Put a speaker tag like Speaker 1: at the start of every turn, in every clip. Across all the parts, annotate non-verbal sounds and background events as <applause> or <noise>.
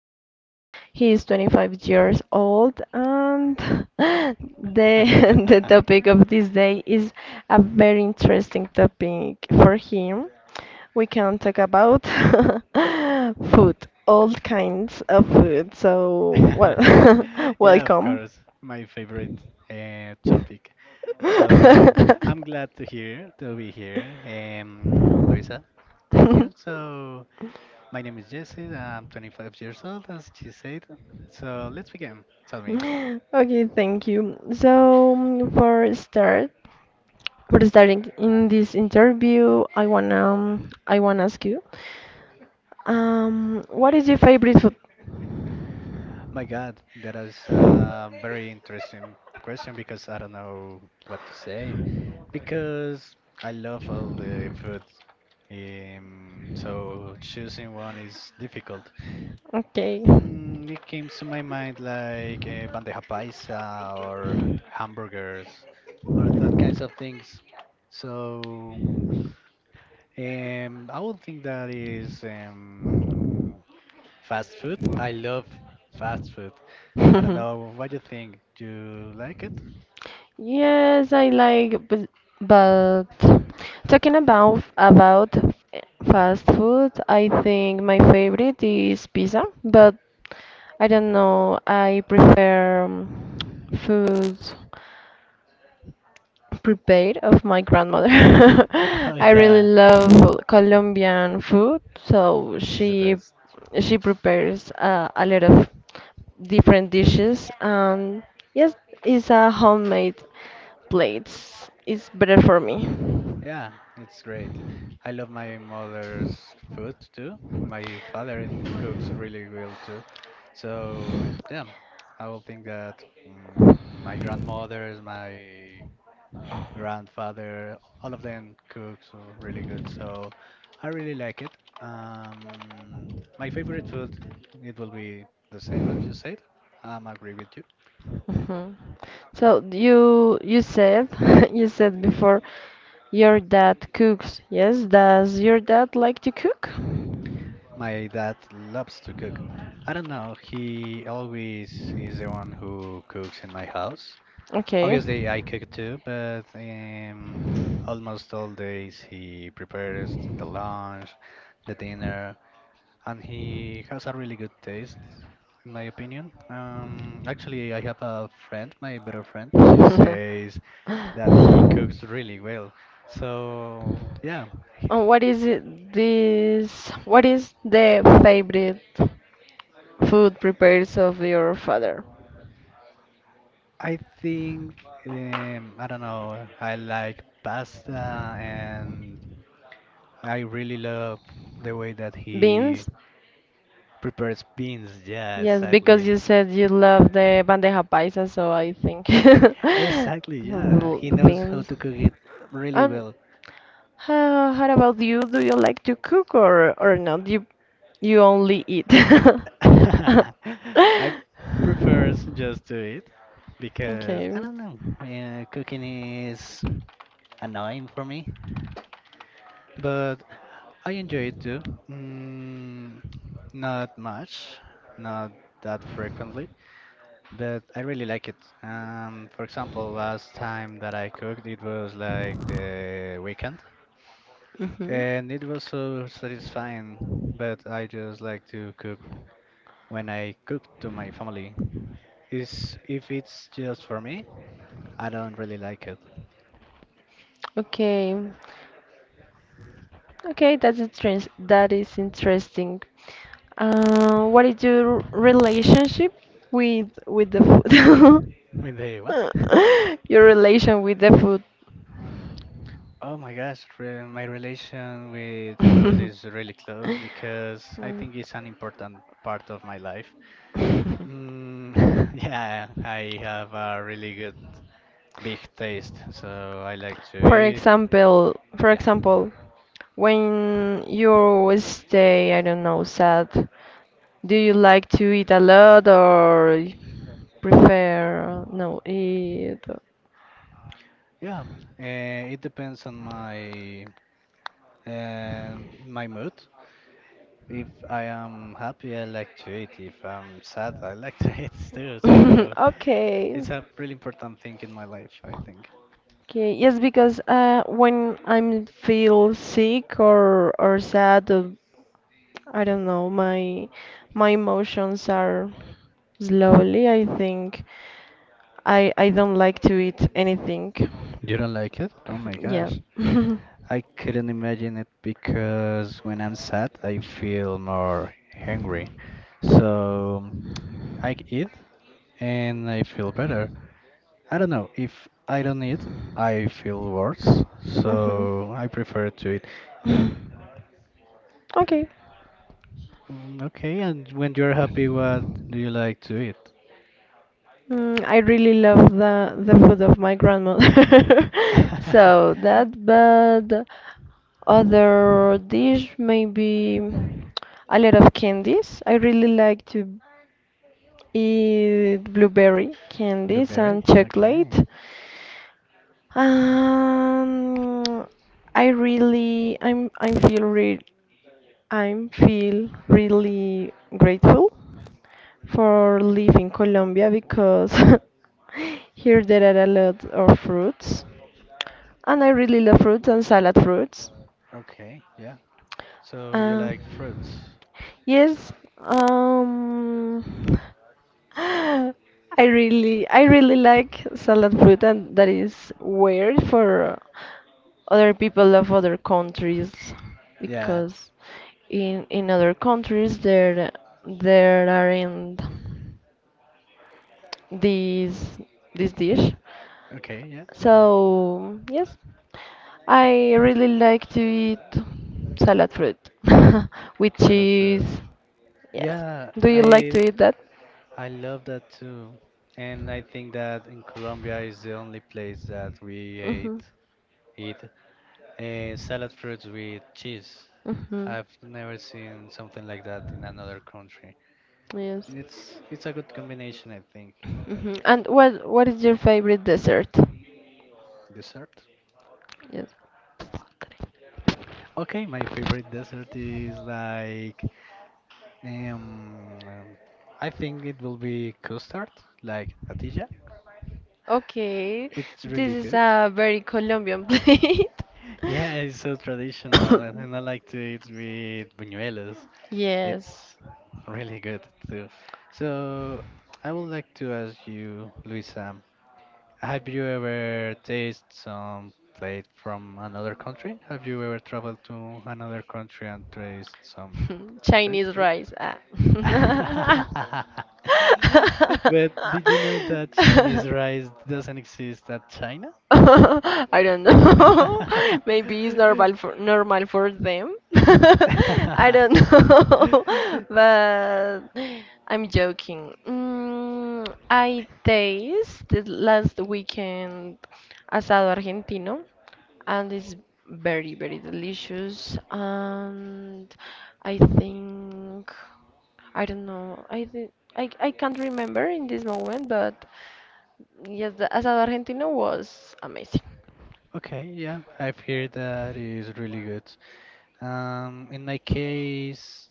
Speaker 1: Yesid. He is 25 years old, and <laughs> the, <laughs> the topic of this day is a very interesting topic for him. We can talk about <laughs> food, all kinds of food. So, well,
Speaker 2: <laughs>
Speaker 1: <laughs>
Speaker 2: Yeah, of
Speaker 1: welcome.
Speaker 2: course, my favorite topic. So I'm glad to hear to
Speaker 1: <laughs>
Speaker 2: be here, Luisa. Thank you.
Speaker 1: <laughs>
Speaker 2: So my name is Jesse. I'm 25 years old, as she said. So let's begin. Tell me.
Speaker 1: Okay, thank you. So for starting in this interview, I wanna ask you, what is your favorite food?
Speaker 2: My God, that is a very interesting question because I don't know what to say. Because I love all the food, so choosing one is difficult.
Speaker 1: Okay.
Speaker 2: It came to my mind like bandeja paisa or hamburgers or that kinds of things. So I would think that is fast food. I love fast food. I don't
Speaker 1: <laughs>
Speaker 2: know. What do you
Speaker 1: <laughs>
Speaker 2: think? Do you like it?
Speaker 1: Yes, I like, but talking about fast food, I think my favorite is pizza, but I don't know, I prefer food prepared of my grandmother. <laughs> I
Speaker 2: <laughs>
Speaker 1: really
Speaker 2: Yeah,
Speaker 1: love Colombian food, so
Speaker 2: it's the
Speaker 1: she
Speaker 2: best.
Speaker 1: she prepares a lot of different dishes. And yes, it's a homemade plates. It's better for me.
Speaker 2: Yeah, it's great. I love my mother's food too. My father cooks really well too. So yeah, I will think that my grandmothers, my grandfather, all of them cooks really good. So I really like it. Um, my favorite food, it will be the same as you said. I'm agree with you.
Speaker 1: Mhm. So you said <laughs> you said before your dad cooks. Yes, does your dad like to cook?
Speaker 2: My dad loves to cook. I don't know, he always is the one who cooks in my house.
Speaker 1: Okay.
Speaker 2: Obviously, I cook too, but almost all days he prepares the lunch, the dinner, and he has a really good taste, in my opinion. Actually, I have a friend, my better friend, she
Speaker 1: <laughs>
Speaker 2: says that he cooks really well. So, yeah,
Speaker 1: And what is it, this? What is the favorite food prepared of your father?
Speaker 2: I think I don't know. I like pasta, and I really love the way that he
Speaker 1: Beans?
Speaker 2: prepares beans. Yeah,
Speaker 1: Yes, because
Speaker 2: exactly.
Speaker 1: you said you love the bandeja paisa, so I think
Speaker 2: Exactly.
Speaker 1: <laughs>
Speaker 2: Yeah, he
Speaker 1: the
Speaker 2: knows how
Speaker 1: beans.
Speaker 2: to cook it really
Speaker 1: And
Speaker 2: well.
Speaker 1: how about you? Do you like to cook or not? You only eat. <laughs>
Speaker 2: <laughs> I prefer just to eat because I
Speaker 1: Okay.
Speaker 2: don't know. Cooking is annoying for me, but I enjoy it too. Mm, Not much, not that frequently. But I really like it. For example, last time that I cooked, it was like the weekend,
Speaker 1: Hmm.
Speaker 2: and it was so satisfying. But I just like to cook when I cook to my family. Is if it's just for me, I don't really like it.
Speaker 1: Okay. Okay, that is interesting. What is your relationship with the food?
Speaker 2: <laughs> With the what? <laughs>
Speaker 1: <laughs> Your relation with the food.
Speaker 2: Oh my gosh, my relation with food is really
Speaker 1: <laughs>
Speaker 2: close because I
Speaker 1: Mm.
Speaker 2: think it's an important part of my life. Mm, <laughs> yeah, I have a really good big taste, so I like to
Speaker 1: For
Speaker 2: eat.
Speaker 1: example, for
Speaker 2: Yeah,
Speaker 1: example, when you stay, I don't know, sad, do you like to eat a lot or prefer no eat.
Speaker 2: yeah. It depends on my mood. If I am happy, I like to eat. If I'm sad, I like <laughs> to eat too. So
Speaker 1: <laughs> Okay,
Speaker 2: it's a really important thing in my life, I think.
Speaker 1: okay, yes, because when I'm feel sick or sad, I don't know, my emotions are slowly, I think I don't like to eat anything,
Speaker 2: You don't like it? Oh my
Speaker 1: yeah.
Speaker 2: gosh.
Speaker 1: <laughs> Hmm.
Speaker 2: I couldn't imagine it because when I'm sad, I feel more hungry. So I eat and I feel better. I don't know. If I don't eat, I feel worse. So I prefer to eat.
Speaker 1: Okay.
Speaker 2: Mm, okay, and when you're happy, what do you like to eat?
Speaker 1: I really love the food of my grandmother. <laughs> So that,
Speaker 2: <laughs>
Speaker 1: but other dish maybe a lot of candies. I really like to eat blueberry candies and
Speaker 2: Blueberry? Okay.
Speaker 1: chocolate. Um, I really, I'm, I feel re I'm feel really grateful for living Colombia because <laughs> here there are a lot of fruits, and I really love fruits and salad fruits.
Speaker 2: Okay, yeah. So you
Speaker 1: Um,
Speaker 2: like fruits?
Speaker 1: yes, um, <gasps> <laughs> I really like salad fruit, and that is weird for other people of other countries
Speaker 2: Yeah.
Speaker 1: because in other countries there aren't this this dish.
Speaker 2: Okay, yeah.
Speaker 1: So yes, I really like to eat salad fruit <laughs> with
Speaker 2: Salad
Speaker 1: cheese.
Speaker 2: fruits.
Speaker 1: Yes.
Speaker 2: Yeah,
Speaker 1: Do you like to
Speaker 2: I
Speaker 1: eat that?
Speaker 2: I love that too. And I think that in Colombia is the only place that we ate
Speaker 1: Mhm.
Speaker 2: eat salad fruits with cheese.
Speaker 1: Mhm.
Speaker 2: I've never seen something like that in another country.
Speaker 1: Yes.
Speaker 2: It's a good combination, I think.
Speaker 1: And what is your favorite dessert?
Speaker 2: Dessert.
Speaker 1: Yes.
Speaker 2: Okay, my favorite dessert is like um, um, I think it will be custard, like natilla.
Speaker 1: Okay,
Speaker 2: It's
Speaker 1: this
Speaker 2: really
Speaker 1: is
Speaker 2: good.
Speaker 1: a very Colombian plate.
Speaker 2: <laughs> Yeah, it's so traditional, and I
Speaker 1: <coughs>
Speaker 2: like to eat with buñuelos.
Speaker 1: Yes.
Speaker 2: It's really good too. So I would like to ask you, Luisa, have you ever tasted some plate from another country? Have you ever traveled to another country and tasted some
Speaker 1: <laughs>
Speaker 2: food?
Speaker 1: Chinese
Speaker 2: food?
Speaker 1: rice. Ah.
Speaker 2: <laughs> But did you know that Chinese rice doesn't exist at
Speaker 1: <laughs>
Speaker 2: China?
Speaker 1: <laughs> I don't know. <laughs> Maybe it's normal
Speaker 2: <laughs>
Speaker 1: for normal for them. <laughs> I don't know. <laughs>
Speaker 2: <laughs> <laughs>
Speaker 1: But I'm joking. I tasted last weekend asado argentino, and it's very, very delicious. And I think I don't know. I can't remember in this moment, but yes, the asado argentino was amazing.
Speaker 2: Okay, yeah, I've heard that is really good. In my case,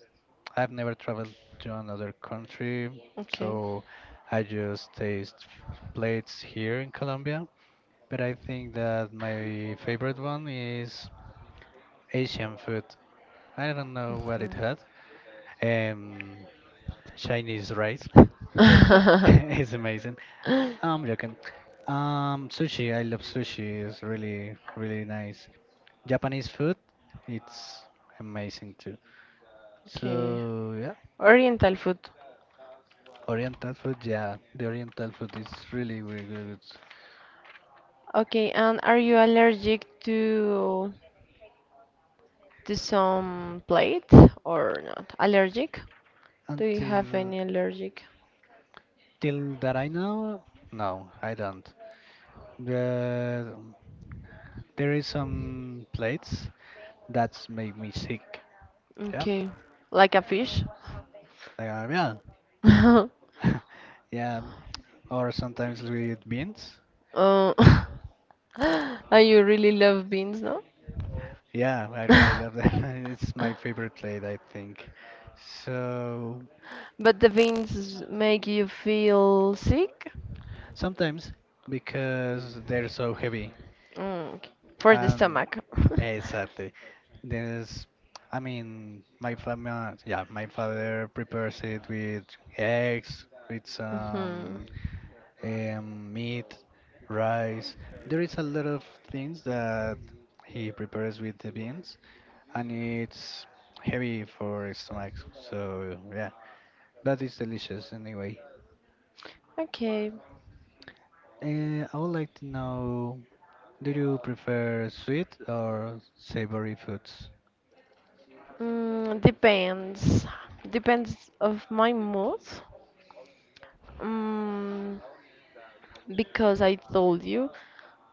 Speaker 2: I've never traveled to another country,
Speaker 1: Okay.
Speaker 2: so I just taste plates here in Colombia. But I think that my favorite one is Asian food. I don't know what it had. Um, Chinese rice. <laughs>
Speaker 1: Mhm. <laughs>
Speaker 2: It's amazing. I'm joking. Sushi. I love sushi. It's really, really nice. Japanese food. It's amazing too.
Speaker 1: Okay.
Speaker 2: So yeah.
Speaker 1: Oriental food.
Speaker 2: Oriental food, yeah, the Oriental food is really, really really good.
Speaker 1: Okay, and are you allergic to some plate or not? Allergic? Do you have
Speaker 2: Until
Speaker 1: any allergic?
Speaker 2: till that I know, no, I don't. The, there is some plates that's make me sick. Yeah,
Speaker 1: Okay, like a fish?
Speaker 2: yeah,
Speaker 1: <laughs>
Speaker 2: <laughs> yeah. Or sometimes we eat beans.
Speaker 1: Uh, <laughs> and you really love beans, no?
Speaker 2: Yeah, I really love
Speaker 1: <laughs>
Speaker 2: that. <laughs> It's my favorite plate, I think. So
Speaker 1: But the beans make you feel sick?
Speaker 2: sometimes because they're so heavy
Speaker 1: Mm, k- for the
Speaker 2: and.
Speaker 1: stomach. <laughs>
Speaker 2: Exactly. There's, I mean, my family, yeah, my father prepares it with eggs, with
Speaker 1: Mhm.
Speaker 2: some meat, rice. There is a lot of things that he prepares with the beans, and it's heavy for his stomach. So yeah, but it's delicious anyway.
Speaker 1: Okay.
Speaker 2: I would like to know, do you prefer sweet or savory foods?
Speaker 1: Depends. Depends of my mood. Mm. Because I told you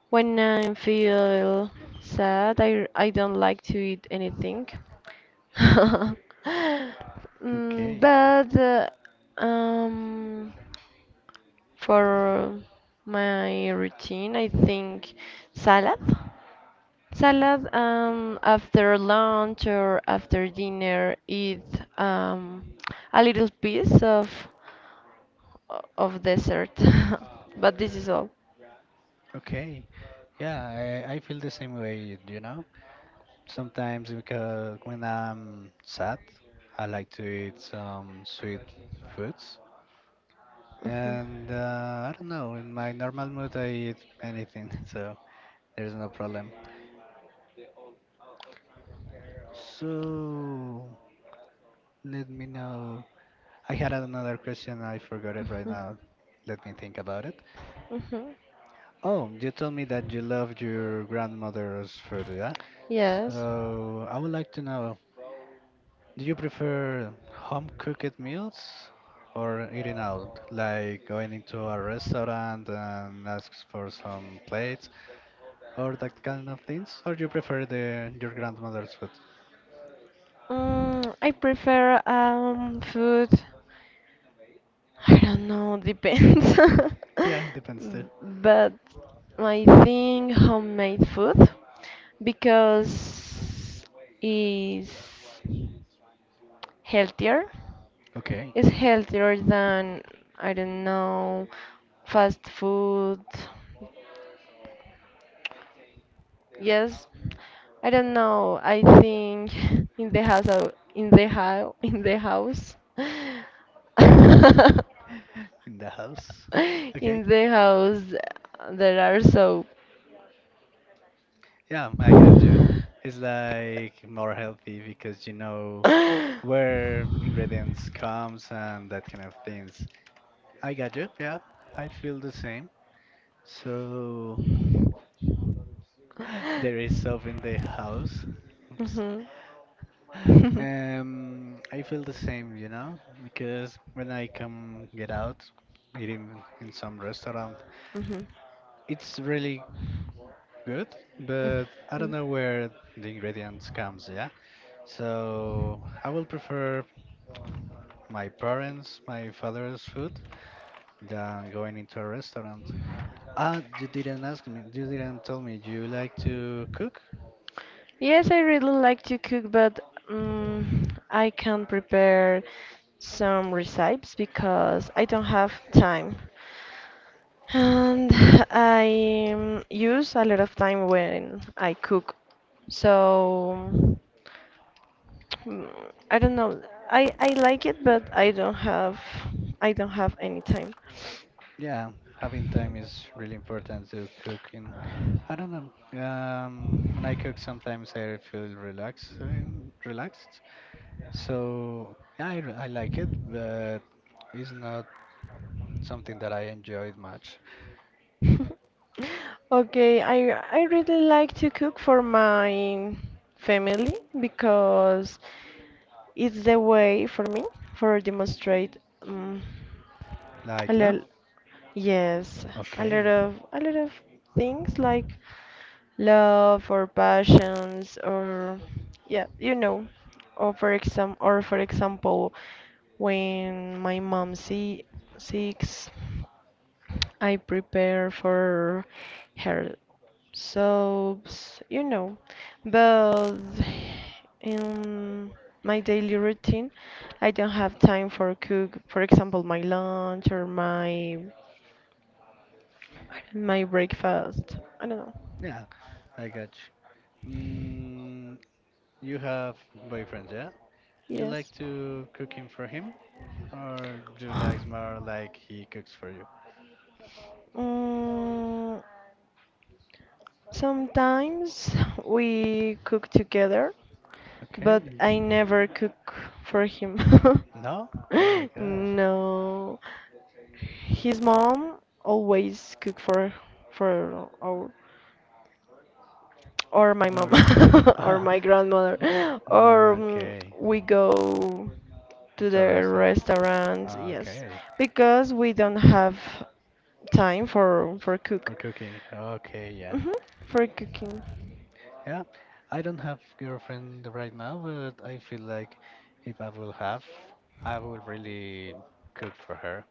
Speaker 1: when I feel sad, I don't like to eat anything. <laughs> Mm,
Speaker 2: Okay,
Speaker 1: but um, for my routine, I think salad. Salad, after lunch or after dinner, eat um, a little piece of dessert. <laughs> But this is all.
Speaker 2: okay. Yeah, I feel the same way, you know? Sometimes because when I'm sad, I like to eat some sweet foods.
Speaker 1: Mhm.
Speaker 2: And I don't know, in my normal mood, I eat anything, <laughs> so there's no problem. So, let me know. I had another question, I forgot it right
Speaker 1: Mhm.
Speaker 2: now. Let me think about it.
Speaker 1: Mhm.
Speaker 2: Oh, you told me that you loved your grandmother's food, yeah?
Speaker 1: Yes.
Speaker 2: So, I would like to know. Do you prefer home cooked meals or eating out, like going into a restaurant and ask for some plates or that kind of things? Or do you prefer the your grandmother's food?
Speaker 1: I prefer food. I don't know, depends.
Speaker 2: <laughs> Yeah,
Speaker 1: <laughs>
Speaker 2: depends too.
Speaker 1: But I think homemade food because is healthier.
Speaker 2: Okay,
Speaker 1: It's healthier than I don't know fast food. Yes, I don't know. I think <laughs> in the house, in the house, <laughs>
Speaker 2: in the house.
Speaker 1: <laughs>
Speaker 2: Okay,
Speaker 1: In the house there are soap.
Speaker 2: yeah, I get you.
Speaker 1: <laughs>
Speaker 2: It's like more healthy because you know where ingredients comes and that kind of things. I got you. Yeah, I feel the same. So. There is soap in the house. Oops.
Speaker 1: Mhm. <laughs>
Speaker 2: I feel the same, because when I come get out, eating in some restaurant,
Speaker 1: Mhm.
Speaker 2: it's really good, but I don't know where the ingredients comes, yeah. So I will prefer my parents, my father's food, than going into a restaurant. Ah, you didn't ask me. You didn't tell me. Do you like to cook?
Speaker 1: Yes, I really like to cook, but um, I can prepare some recipes because I don't have time. And I use a lot of time when I cook. So mm, I don't know. I like it, but I don't have any time.
Speaker 2: Yeah, having time is really important to cooking.
Speaker 1: <laughs>
Speaker 2: I don't know. When I cook, sometimes I feel relaxed. So yeah, I like it, but it's not something that I enjoyed much.
Speaker 1: Okay, I really like to cook for my family because it's the way for me for demonstrate um, a
Speaker 2: Like love?
Speaker 1: lot yes, a lot
Speaker 2: Okay.
Speaker 1: of a lot of things like love or passions or yeah, or for example, when my mom seeks. I prepare for hair soaps, but in my daily routine, I don't have time for cook, for example, my lunch or my breakfast. I don't know.
Speaker 2: Yeah, I got you. Mm, you have boyfriend, yeah? You like
Speaker 1: Yes.
Speaker 2: to cooking for him, or do you like more
Speaker 1: <sighs>
Speaker 2: like he cooks for you?
Speaker 1: Mm, sometimes we cook together. But
Speaker 2: Okay.
Speaker 1: I never cook for him.
Speaker 2: No?
Speaker 1: <laughs>
Speaker 2: Oh my gosh.
Speaker 1: No. His mom always cook for our, or my mom
Speaker 2: Very.
Speaker 1: <laughs> or
Speaker 2: <laughs>
Speaker 1: my grandmother, or
Speaker 2: Okay.
Speaker 1: we go to
Speaker 2: Into a
Speaker 1: the
Speaker 2: restaurant.
Speaker 1: restaurant, yes,
Speaker 2: Okay.
Speaker 1: because we don't have time for cook.
Speaker 2: For cooking. Okay, yeah.
Speaker 1: hmm for cooking.
Speaker 2: Yeah. I don't have girlfriend right now, but I feel like if I will have, I will really cook for her.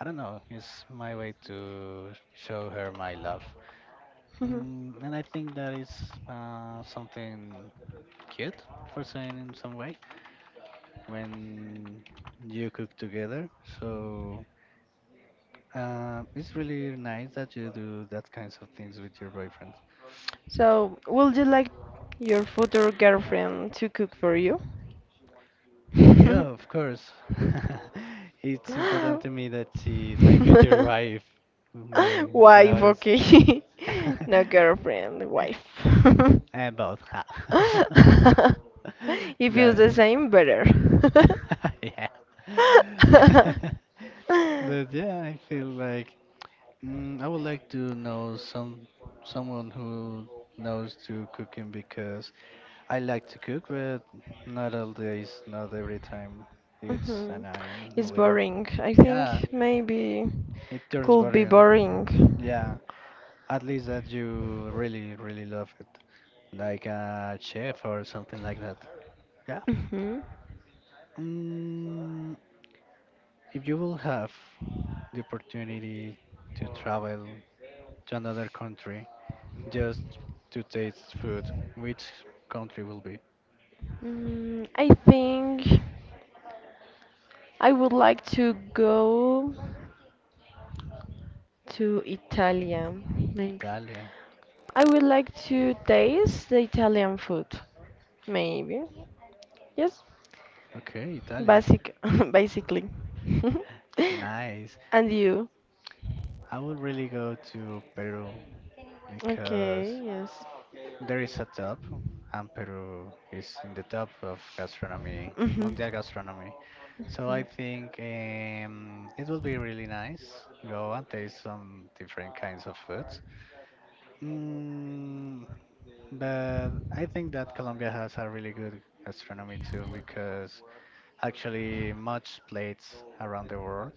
Speaker 2: I don't know. It's my way to show her my love.
Speaker 1: <laughs>
Speaker 2: And I think that is something cute for saying in some way when you cook together. So it's really nice that you do that kinds of things with your boyfriend.
Speaker 1: So, would you like your future girlfriend to cook for you? <laughs>
Speaker 2: Yeah, of course. <laughs> It's important to me that she, my future
Speaker 1: <laughs>
Speaker 2: wife,
Speaker 1: Wife,
Speaker 2: knows
Speaker 1: okay. <laughs> No
Speaker 2: <laughs>
Speaker 1: girlfriend, wife. <laughs> <laughs>
Speaker 2: and both. <laughs>
Speaker 1: If it's the
Speaker 2: That,
Speaker 1: same, better. <laughs>
Speaker 2: <laughs> yeah.
Speaker 1: <laughs>
Speaker 2: <laughs> But yeah, I feel like I would like to know someone who knows to cooking because I like to cook, but not all days, not every time. It's
Speaker 1: hmm
Speaker 2: annoying a
Speaker 1: It's
Speaker 2: little.
Speaker 1: boring. I
Speaker 2: Yeah,
Speaker 1: think maybe
Speaker 2: it turns
Speaker 1: could be
Speaker 2: boring.
Speaker 1: boring.
Speaker 2: Yeah, at least that you really, really love it, like a chef or something like that. Yeah.
Speaker 1: hmm
Speaker 2: Mm, if you will have the opportunity to travel to another country just to taste food, which country will be?
Speaker 1: I think I would like to go. To Italian, maybe.
Speaker 2: Italia.
Speaker 1: I would like to taste the Italian food, maybe. Yes,
Speaker 2: Okay, Italia.
Speaker 1: basic, <laughs> basically. <laughs>
Speaker 2: Nice.
Speaker 1: And you?
Speaker 2: I would really go to Peru because
Speaker 1: Okay, yes.
Speaker 2: there is a top, and Peru is in the top of gastronomy,
Speaker 1: Hmm.
Speaker 2: mundial gastronomy. So I think it would be really nice go and taste some different kinds of foods.
Speaker 1: <laughs>
Speaker 2: Mm, but I think that Colombia has a really good gastronomy too because actually much plates around the world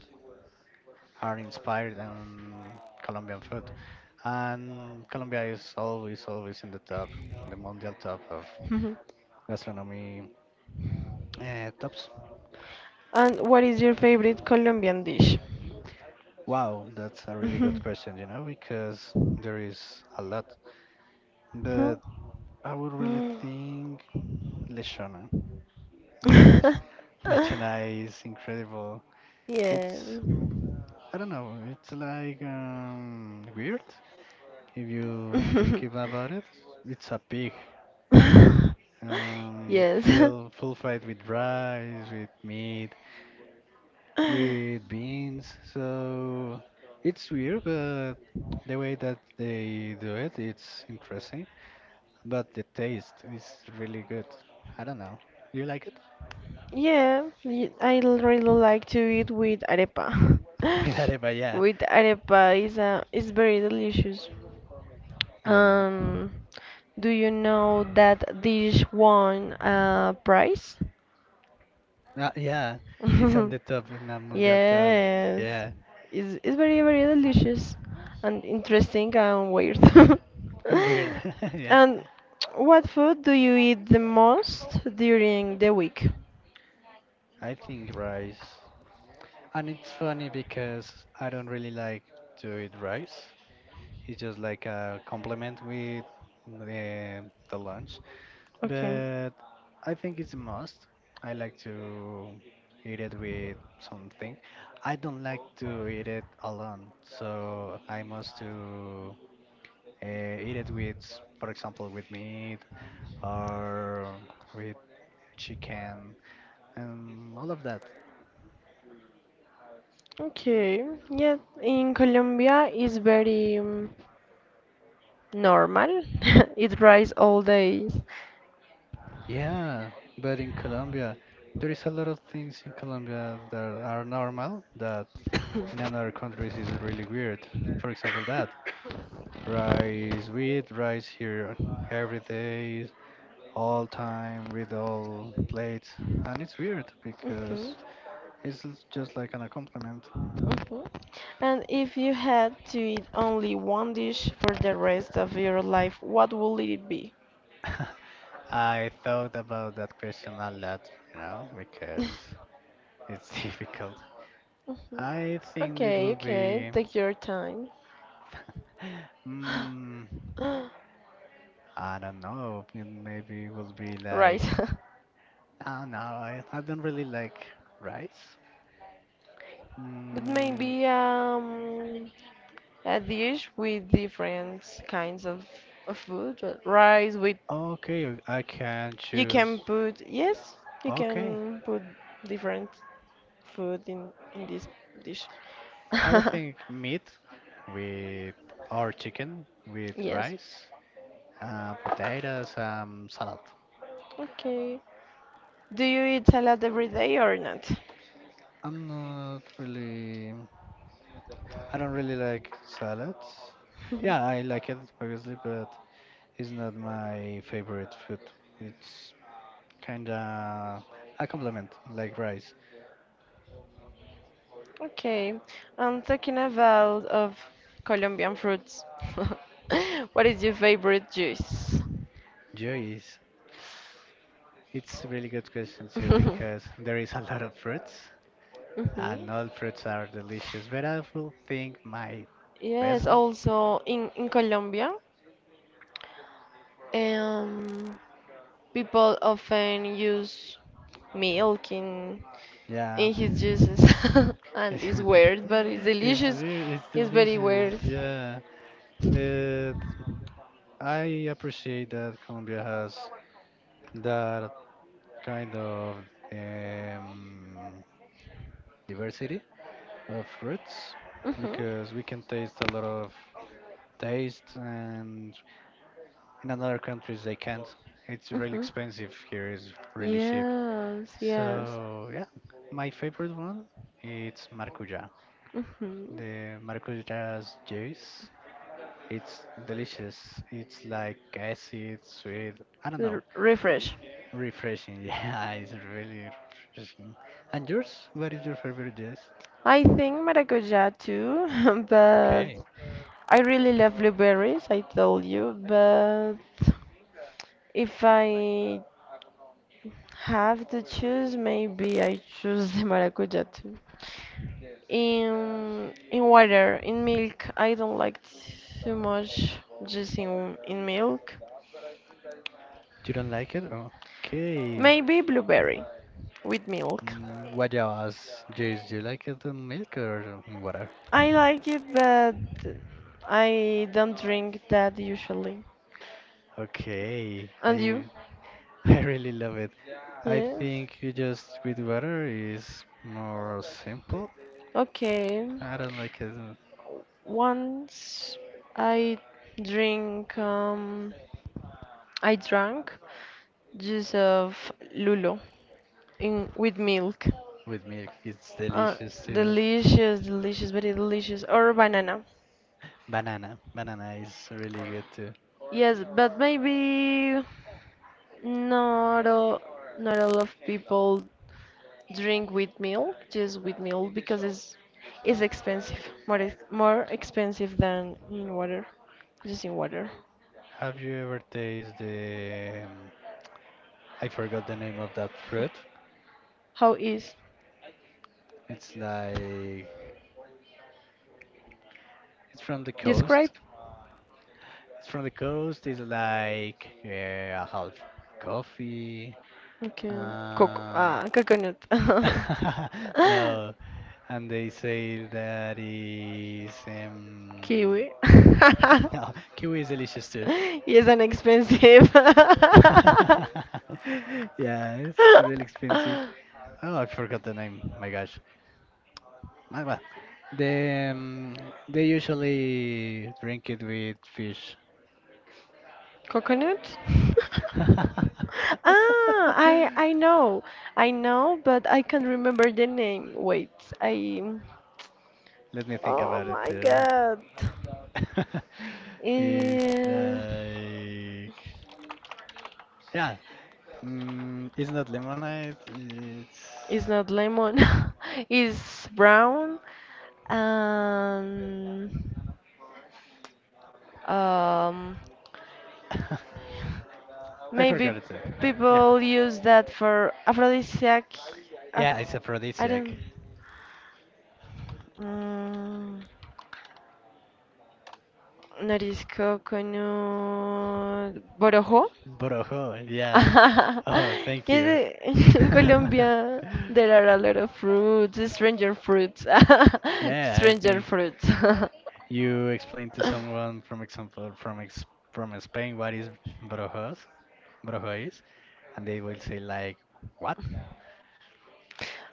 Speaker 2: are inspired on Colombian food. And Colombia is always, always in the top, the mundial top of
Speaker 1: Mhm.
Speaker 2: gastronomy tops.
Speaker 1: And what is your favorite Colombian dish? <laughs>
Speaker 2: Wow, that's a really
Speaker 1: Mhm.
Speaker 2: good question, because there is a lot. But
Speaker 1: Mhm.
Speaker 2: I would really think lechona. My gosh,
Speaker 1: Mm.
Speaker 2: <laughs>
Speaker 1: <laughs>
Speaker 2: lechona is incredible.
Speaker 1: Yeah.
Speaker 2: It's, I don't know, it's like weird if you think about it.
Speaker 1: <laughs>
Speaker 2: It's a pig,
Speaker 1: Yes. <laughs>
Speaker 2: fill full fried with rice, with meat with beans. So it's weird, but the way that they do it, it's interesting. But the taste is really good. I don't know. You like it?
Speaker 1: Yeah, really like to eat with arepa.
Speaker 2: <laughs> With
Speaker 1: <laughs>
Speaker 2: arepa, yeah,
Speaker 1: With arepa is very delicious.
Speaker 2: yeah,
Speaker 1: Um, do you know that dish won a prize?
Speaker 2: yeah. It's on
Speaker 1: <laughs>
Speaker 2: the top, on the mundial top.
Speaker 1: Yes,
Speaker 2: Yeah,
Speaker 1: it's very, very delicious and interesting and weird.
Speaker 2: <laughs> weird. <laughs>
Speaker 1: <laughs>
Speaker 2: Yeah,
Speaker 1: And what food do you eat the most during the week?
Speaker 2: I think rice. And it's funny because I don't really like to eat rice. It's just like a compliment with the the lunch.
Speaker 1: Okay.
Speaker 2: But I think it's a must. I like to eat it with something. I don't like to eat it alone, so I must to eat it with, for example, with meat or with chicken and all of that.
Speaker 1: Okay. Yeah, in Colombia it's very normal. <laughs> It rice all days.
Speaker 2: Yeah, but in Colombia, there is a lot of things in Colombia that are normal that in other countries is really weird. For example, that. Rice, we eat rice here every day, all time, with all plates. And it's weird
Speaker 1: Mhm.
Speaker 2: because
Speaker 1: <coughs>
Speaker 2: just like an a compliment.
Speaker 1: Mhm. And if you had to eat only one dish for the rest of your life, what would it be? <laughs>
Speaker 2: <laughs> I thought about that question a lot, because it's <laughs> difficult.
Speaker 1: Mhm.
Speaker 2: I think it
Speaker 1: Okay,
Speaker 2: will
Speaker 1: okay,
Speaker 2: be,
Speaker 1: take your time. <gasps>
Speaker 2: mm, I don't know, it maybe will be
Speaker 1: Right.
Speaker 2: like,
Speaker 1: <laughs>
Speaker 2: I don't know, I don't really like rice.
Speaker 1: But
Speaker 2: Mm,
Speaker 1: maybe a dish with different kinds of food, rice with
Speaker 2: okay, I can
Speaker 1: you can
Speaker 2: choose.
Speaker 1: put yes, you
Speaker 2: Okay,
Speaker 1: can put different food in this dish.
Speaker 2: I would
Speaker 1: <laughs>
Speaker 2: think meat with or chicken with
Speaker 1: Yes.
Speaker 2: rice, potatoes, salad.
Speaker 1: Okay. Do you eat salad every day or not?
Speaker 2: I'm not really. I don't really like salads. Yeah, I like it obviously, but it's not my favorite food. It's kinda a compliment, like rice.
Speaker 1: Okay, I'm talking about of Colombian fruits. <laughs> What is your favorite juice?
Speaker 2: Joy. It's a really good question too because
Speaker 1: <laughs>
Speaker 2: there is a lot of fruits and
Speaker 1: Mhm.
Speaker 2: all fruits are delicious. But I will think my best
Speaker 1: Yes,
Speaker 2: one.
Speaker 1: also in Colombia, um, people often use milk in
Speaker 2: Yeah.
Speaker 1: in his juices, <laughs> and it's
Speaker 2: <laughs>
Speaker 1: weird, but it's
Speaker 2: It's
Speaker 1: delicious.
Speaker 2: weird, it's
Speaker 1: It's very
Speaker 2: delicious,
Speaker 1: weird.
Speaker 2: yeah. But I appreciate that Colombia has that kind of um, diversity of fruits
Speaker 1: Mhm.
Speaker 2: because we can taste a lot of taste and in other countries they can't. It's really
Speaker 1: Mhm.
Speaker 2: expensive here, it's really cheap.
Speaker 1: Yes, yes.
Speaker 2: So yeah, my favorite one it's maracujá.
Speaker 1: Mhm.
Speaker 2: The maracujas juice. It's delicious. It's like acid, sweet. I don't
Speaker 1: R-
Speaker 2: know.
Speaker 1: refresh.
Speaker 2: Refreshing. <laughs> Yeah, it's really refreshing. And yours? What is your favorite juice?
Speaker 1: I think maracuja too, <laughs> but
Speaker 2: Okay.
Speaker 1: I really love blueberries, I told you, but if I have to choose, maybe I choose the maracuja too. In water, in milk, I don't like too much, just in milk.
Speaker 2: You don't like it? Okay.
Speaker 1: Maybe blueberry with milk.
Speaker 2: Mm, what else juice? Do you like it in milk or in water?
Speaker 1: I like it, but I don't drink that usually.
Speaker 2: Okay.
Speaker 1: And you?
Speaker 2: I <laughs> I really love it. I
Speaker 1: Yes.
Speaker 2: think you just with water is more simple.
Speaker 1: Okay.
Speaker 2: I don't like it
Speaker 1: Once I drink, um, I drank juice of lulo in with milk.
Speaker 2: with milk. It's
Speaker 1: Uh,
Speaker 2: delicious too.
Speaker 1: delicious, delicious, very delicious. Or banana.
Speaker 2: Banana. Banana is really good too.
Speaker 1: Yes, but maybe not all, not all of people drink with milk, just with milk, because it's expensive, more expensive than in water, just in water.
Speaker 2: Have you ever tasted the, I forgot the name of that fruit.
Speaker 1: How is
Speaker 2: It's like, it's from the coast.
Speaker 1: describe?
Speaker 2: It's from the coast. It's like a half coffee.
Speaker 1: Okay, coco,
Speaker 2: Um,
Speaker 1: coconut, <laughs>
Speaker 2: <laughs> no, and they say that is,
Speaker 1: kiwi. <laughs>
Speaker 2: <laughs> no, kiwi is delicious too.
Speaker 1: Yes, and expensive. <laughs>
Speaker 2: <laughs> <laughs> yeah, it's really expensive. Oh, I forgot the name. My gosh. My bad. They, um, they usually drink it with fish.
Speaker 1: Coconut? <laughs>
Speaker 2: <laughs>
Speaker 1: I know, I know, but I can't remember the name. Wait, I.
Speaker 2: Let me think
Speaker 1: Oh
Speaker 2: about it
Speaker 1: my
Speaker 2: too.
Speaker 1: God.
Speaker 2: <laughs> It's
Speaker 1: Eh,
Speaker 2: like, yeah, mm, it's not lemonade. It's
Speaker 1: It's not lemon. <laughs> It's brown, and um
Speaker 2: <laughs> I
Speaker 1: maybe
Speaker 2: forgot it too. Yeah,
Speaker 1: people use that for aphrodisiac. Aph
Speaker 2: yeah, it's
Speaker 1: I
Speaker 2: aphrodisiac.
Speaker 1: don't. Mm. Norisco con un borojo.
Speaker 2: Borojo, yeah. <laughs>
Speaker 1: <laughs>
Speaker 2: Oh, thank you.
Speaker 1: Yes, <laughs> in
Speaker 2: <laughs>
Speaker 1: Colombia there are a lot of fruits, stranger fruits, <laughs>
Speaker 2: Yeah, I
Speaker 1: stranger
Speaker 2: think
Speaker 1: fruits. <laughs>
Speaker 2: you explained to someone, from example, from Spain, what is brojos, brojo is, and they will say like, what?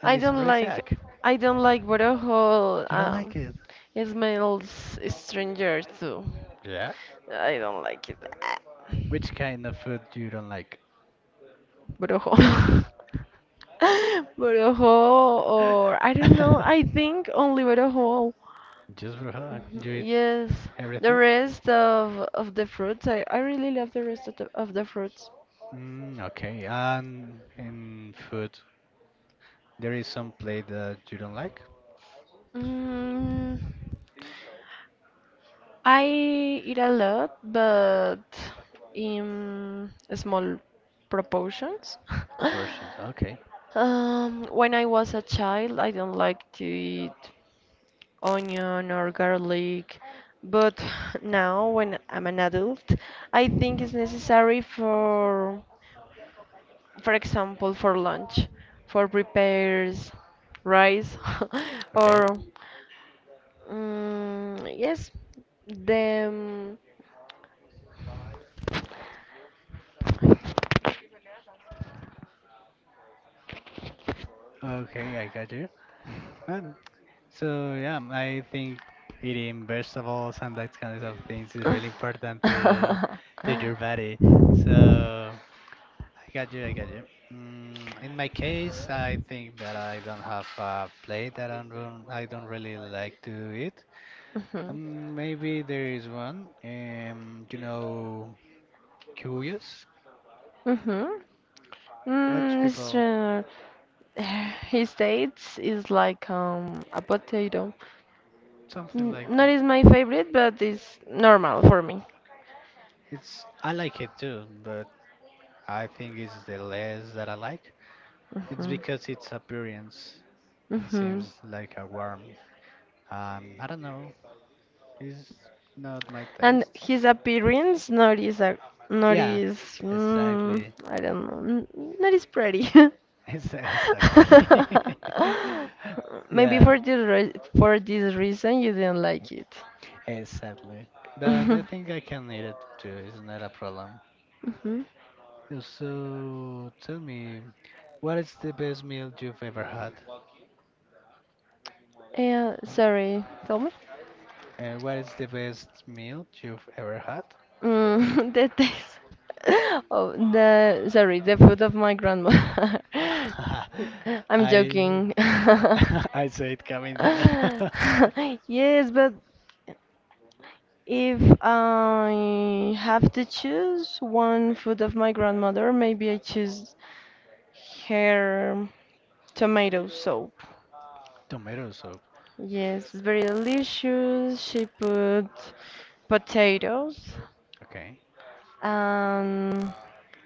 Speaker 2: And
Speaker 1: I
Speaker 2: it's a
Speaker 1: don't like,
Speaker 2: Rezac.
Speaker 1: I don't like borojo.
Speaker 2: You don't like
Speaker 1: Um,
Speaker 2: it?
Speaker 1: it smells stranger too.
Speaker 2: Yeah.
Speaker 1: I don't like it. Ah.
Speaker 2: Which kind of food you don't like?
Speaker 1: Brojo. <laughs> Brojo, or I don't know. I
Speaker 2: <laughs>
Speaker 1: think only Brojo.
Speaker 2: Just brojo.
Speaker 1: Mhm.
Speaker 2: You eat
Speaker 1: Yes, the
Speaker 2: everything?
Speaker 1: rest of the fruits. I really love the rest of the fruits.
Speaker 2: Mm, okay. And in food, there is some plate that you don't like?
Speaker 1: Mm, I eat a lot, but in small proportions. <laughs>
Speaker 2: Portions. Okay.
Speaker 1: When I was a child, I don't like to eat onion or garlic. But
Speaker 2: Yeah.
Speaker 1: now, when I'm an adult, I think it's necessary for example, for lunch, for prepares rice <laughs>
Speaker 2: Okay.
Speaker 1: or yes, the
Speaker 2: Okay, I got you. Um, so yeah, I think eating vegetables and that kind of things is really important to
Speaker 1: <laughs>
Speaker 2: your body. So I got you, I got you. Mm, in my case, I think that I don't have a plate that I don't really like to eat.
Speaker 1: Mhm.
Speaker 2: Maybe there is one. You know, curious.
Speaker 1: Mhm.
Speaker 2: Much
Speaker 1: It's
Speaker 2: people,
Speaker 1: true. <sighs> His taste is like a potato.
Speaker 2: something like
Speaker 1: Not
Speaker 2: that.
Speaker 1: is my favorite, but it's normal for me.
Speaker 2: It's I like it too, but I think it's the less that I like. It's
Speaker 1: Hmm.
Speaker 2: because its appearance. It
Speaker 1: Hmm.
Speaker 2: seems like a worm. I don't know. It's not my
Speaker 1: And
Speaker 2: taste.
Speaker 1: his appearance not is a not
Speaker 2: Yeah,
Speaker 1: is
Speaker 2: exactly. <laughs>
Speaker 1: I don't know, not is pretty. <laughs>
Speaker 2: It's exactly. <laughs>
Speaker 1: Maybe
Speaker 2: yeah,
Speaker 1: for this reason you didn't like it.
Speaker 2: exactly.
Speaker 1: <laughs>
Speaker 2: But I
Speaker 1: Mhm.
Speaker 2: think I can eat it too. It's not a problem. So tell me, what is the best meal you've ever had?
Speaker 1: Yeah, sorry, tell me.
Speaker 2: What is the best meal you've ever had?
Speaker 1: <laughs> The taste <laughs> the food of my grandma. <laughs>
Speaker 2: <laughs>
Speaker 1: I'm
Speaker 2: I
Speaker 1: joking. <laughs>
Speaker 2: <laughs> I said coming dinner. <laughs>
Speaker 1: Yes, but if I have to choose one food of my grandmother, maybe I choose her tomato soup.
Speaker 2: Tomato soup.
Speaker 1: Yes, it's very delicious. She put potatoes,
Speaker 2: Okay.
Speaker 1: um,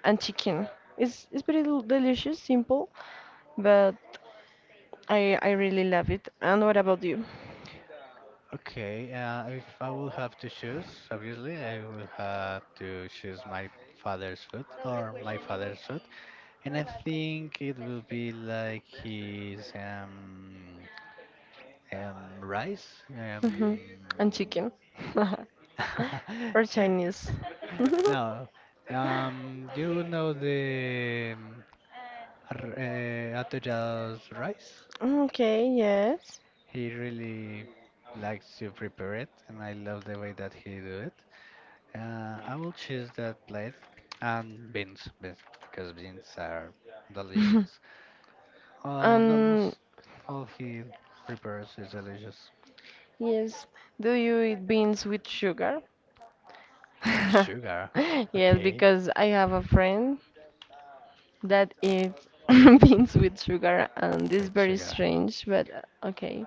Speaker 1: and chicken. It's very delicious, simple, but I really love it. And what about you?
Speaker 2: Okay. If I will have to choose, obviously, I will have to choose my father's food or my father's food, and I think it will be like his rice
Speaker 1: hmm
Speaker 2: um.
Speaker 1: And chicken, <laughs> or
Speaker 2: <laughs>
Speaker 1: Chinese? <laughs>
Speaker 2: No, you know the atollados rice?
Speaker 1: Okay, yes.
Speaker 2: He really likes to prepare it, and I love the way that he do it. I will choose that plate and beans, beans because beans are
Speaker 1: <laughs>
Speaker 2: delicious. And
Speaker 1: Um,
Speaker 2: almost all he prepares is delicious
Speaker 1: yes. Do you eat beans with sugar?
Speaker 2: with
Speaker 1: <laughs>
Speaker 2: sugar.
Speaker 1: Yes,
Speaker 2: Okay,
Speaker 1: because I have a friend that eat <laughs> beans with sugar, and this is
Speaker 2: with
Speaker 1: very
Speaker 2: sugar.
Speaker 1: strange, but okay.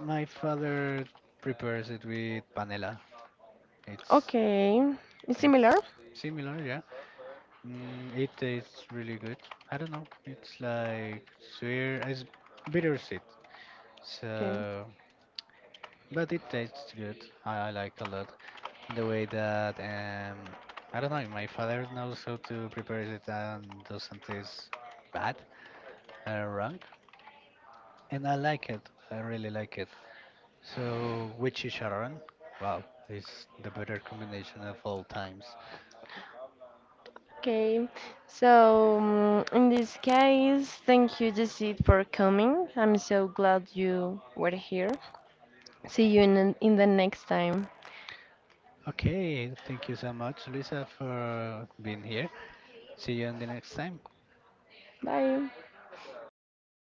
Speaker 2: My father prepares it with panela. It's
Speaker 1: Okay, it's
Speaker 2: it's
Speaker 1: similar.
Speaker 2: similar, yeah. Mm, it tastes really good. I don't know. It's like sweet, it's bittersweet.
Speaker 1: Okay.
Speaker 2: So, but it tastes good. I like a lot. And the way that I don't know, my father knows how to prepare it and doesn't taste bad or wrong, and I like it. I really like it. So, with chicharrón, wow, it's the better combination of all times.
Speaker 1: Okay, so in this case, thank you, Jesse, for coming. I'm so glad you were here. See you in the next time.
Speaker 2: Okay, thank you so much, Luisa, for being here. See you on the next time.
Speaker 1: Bye.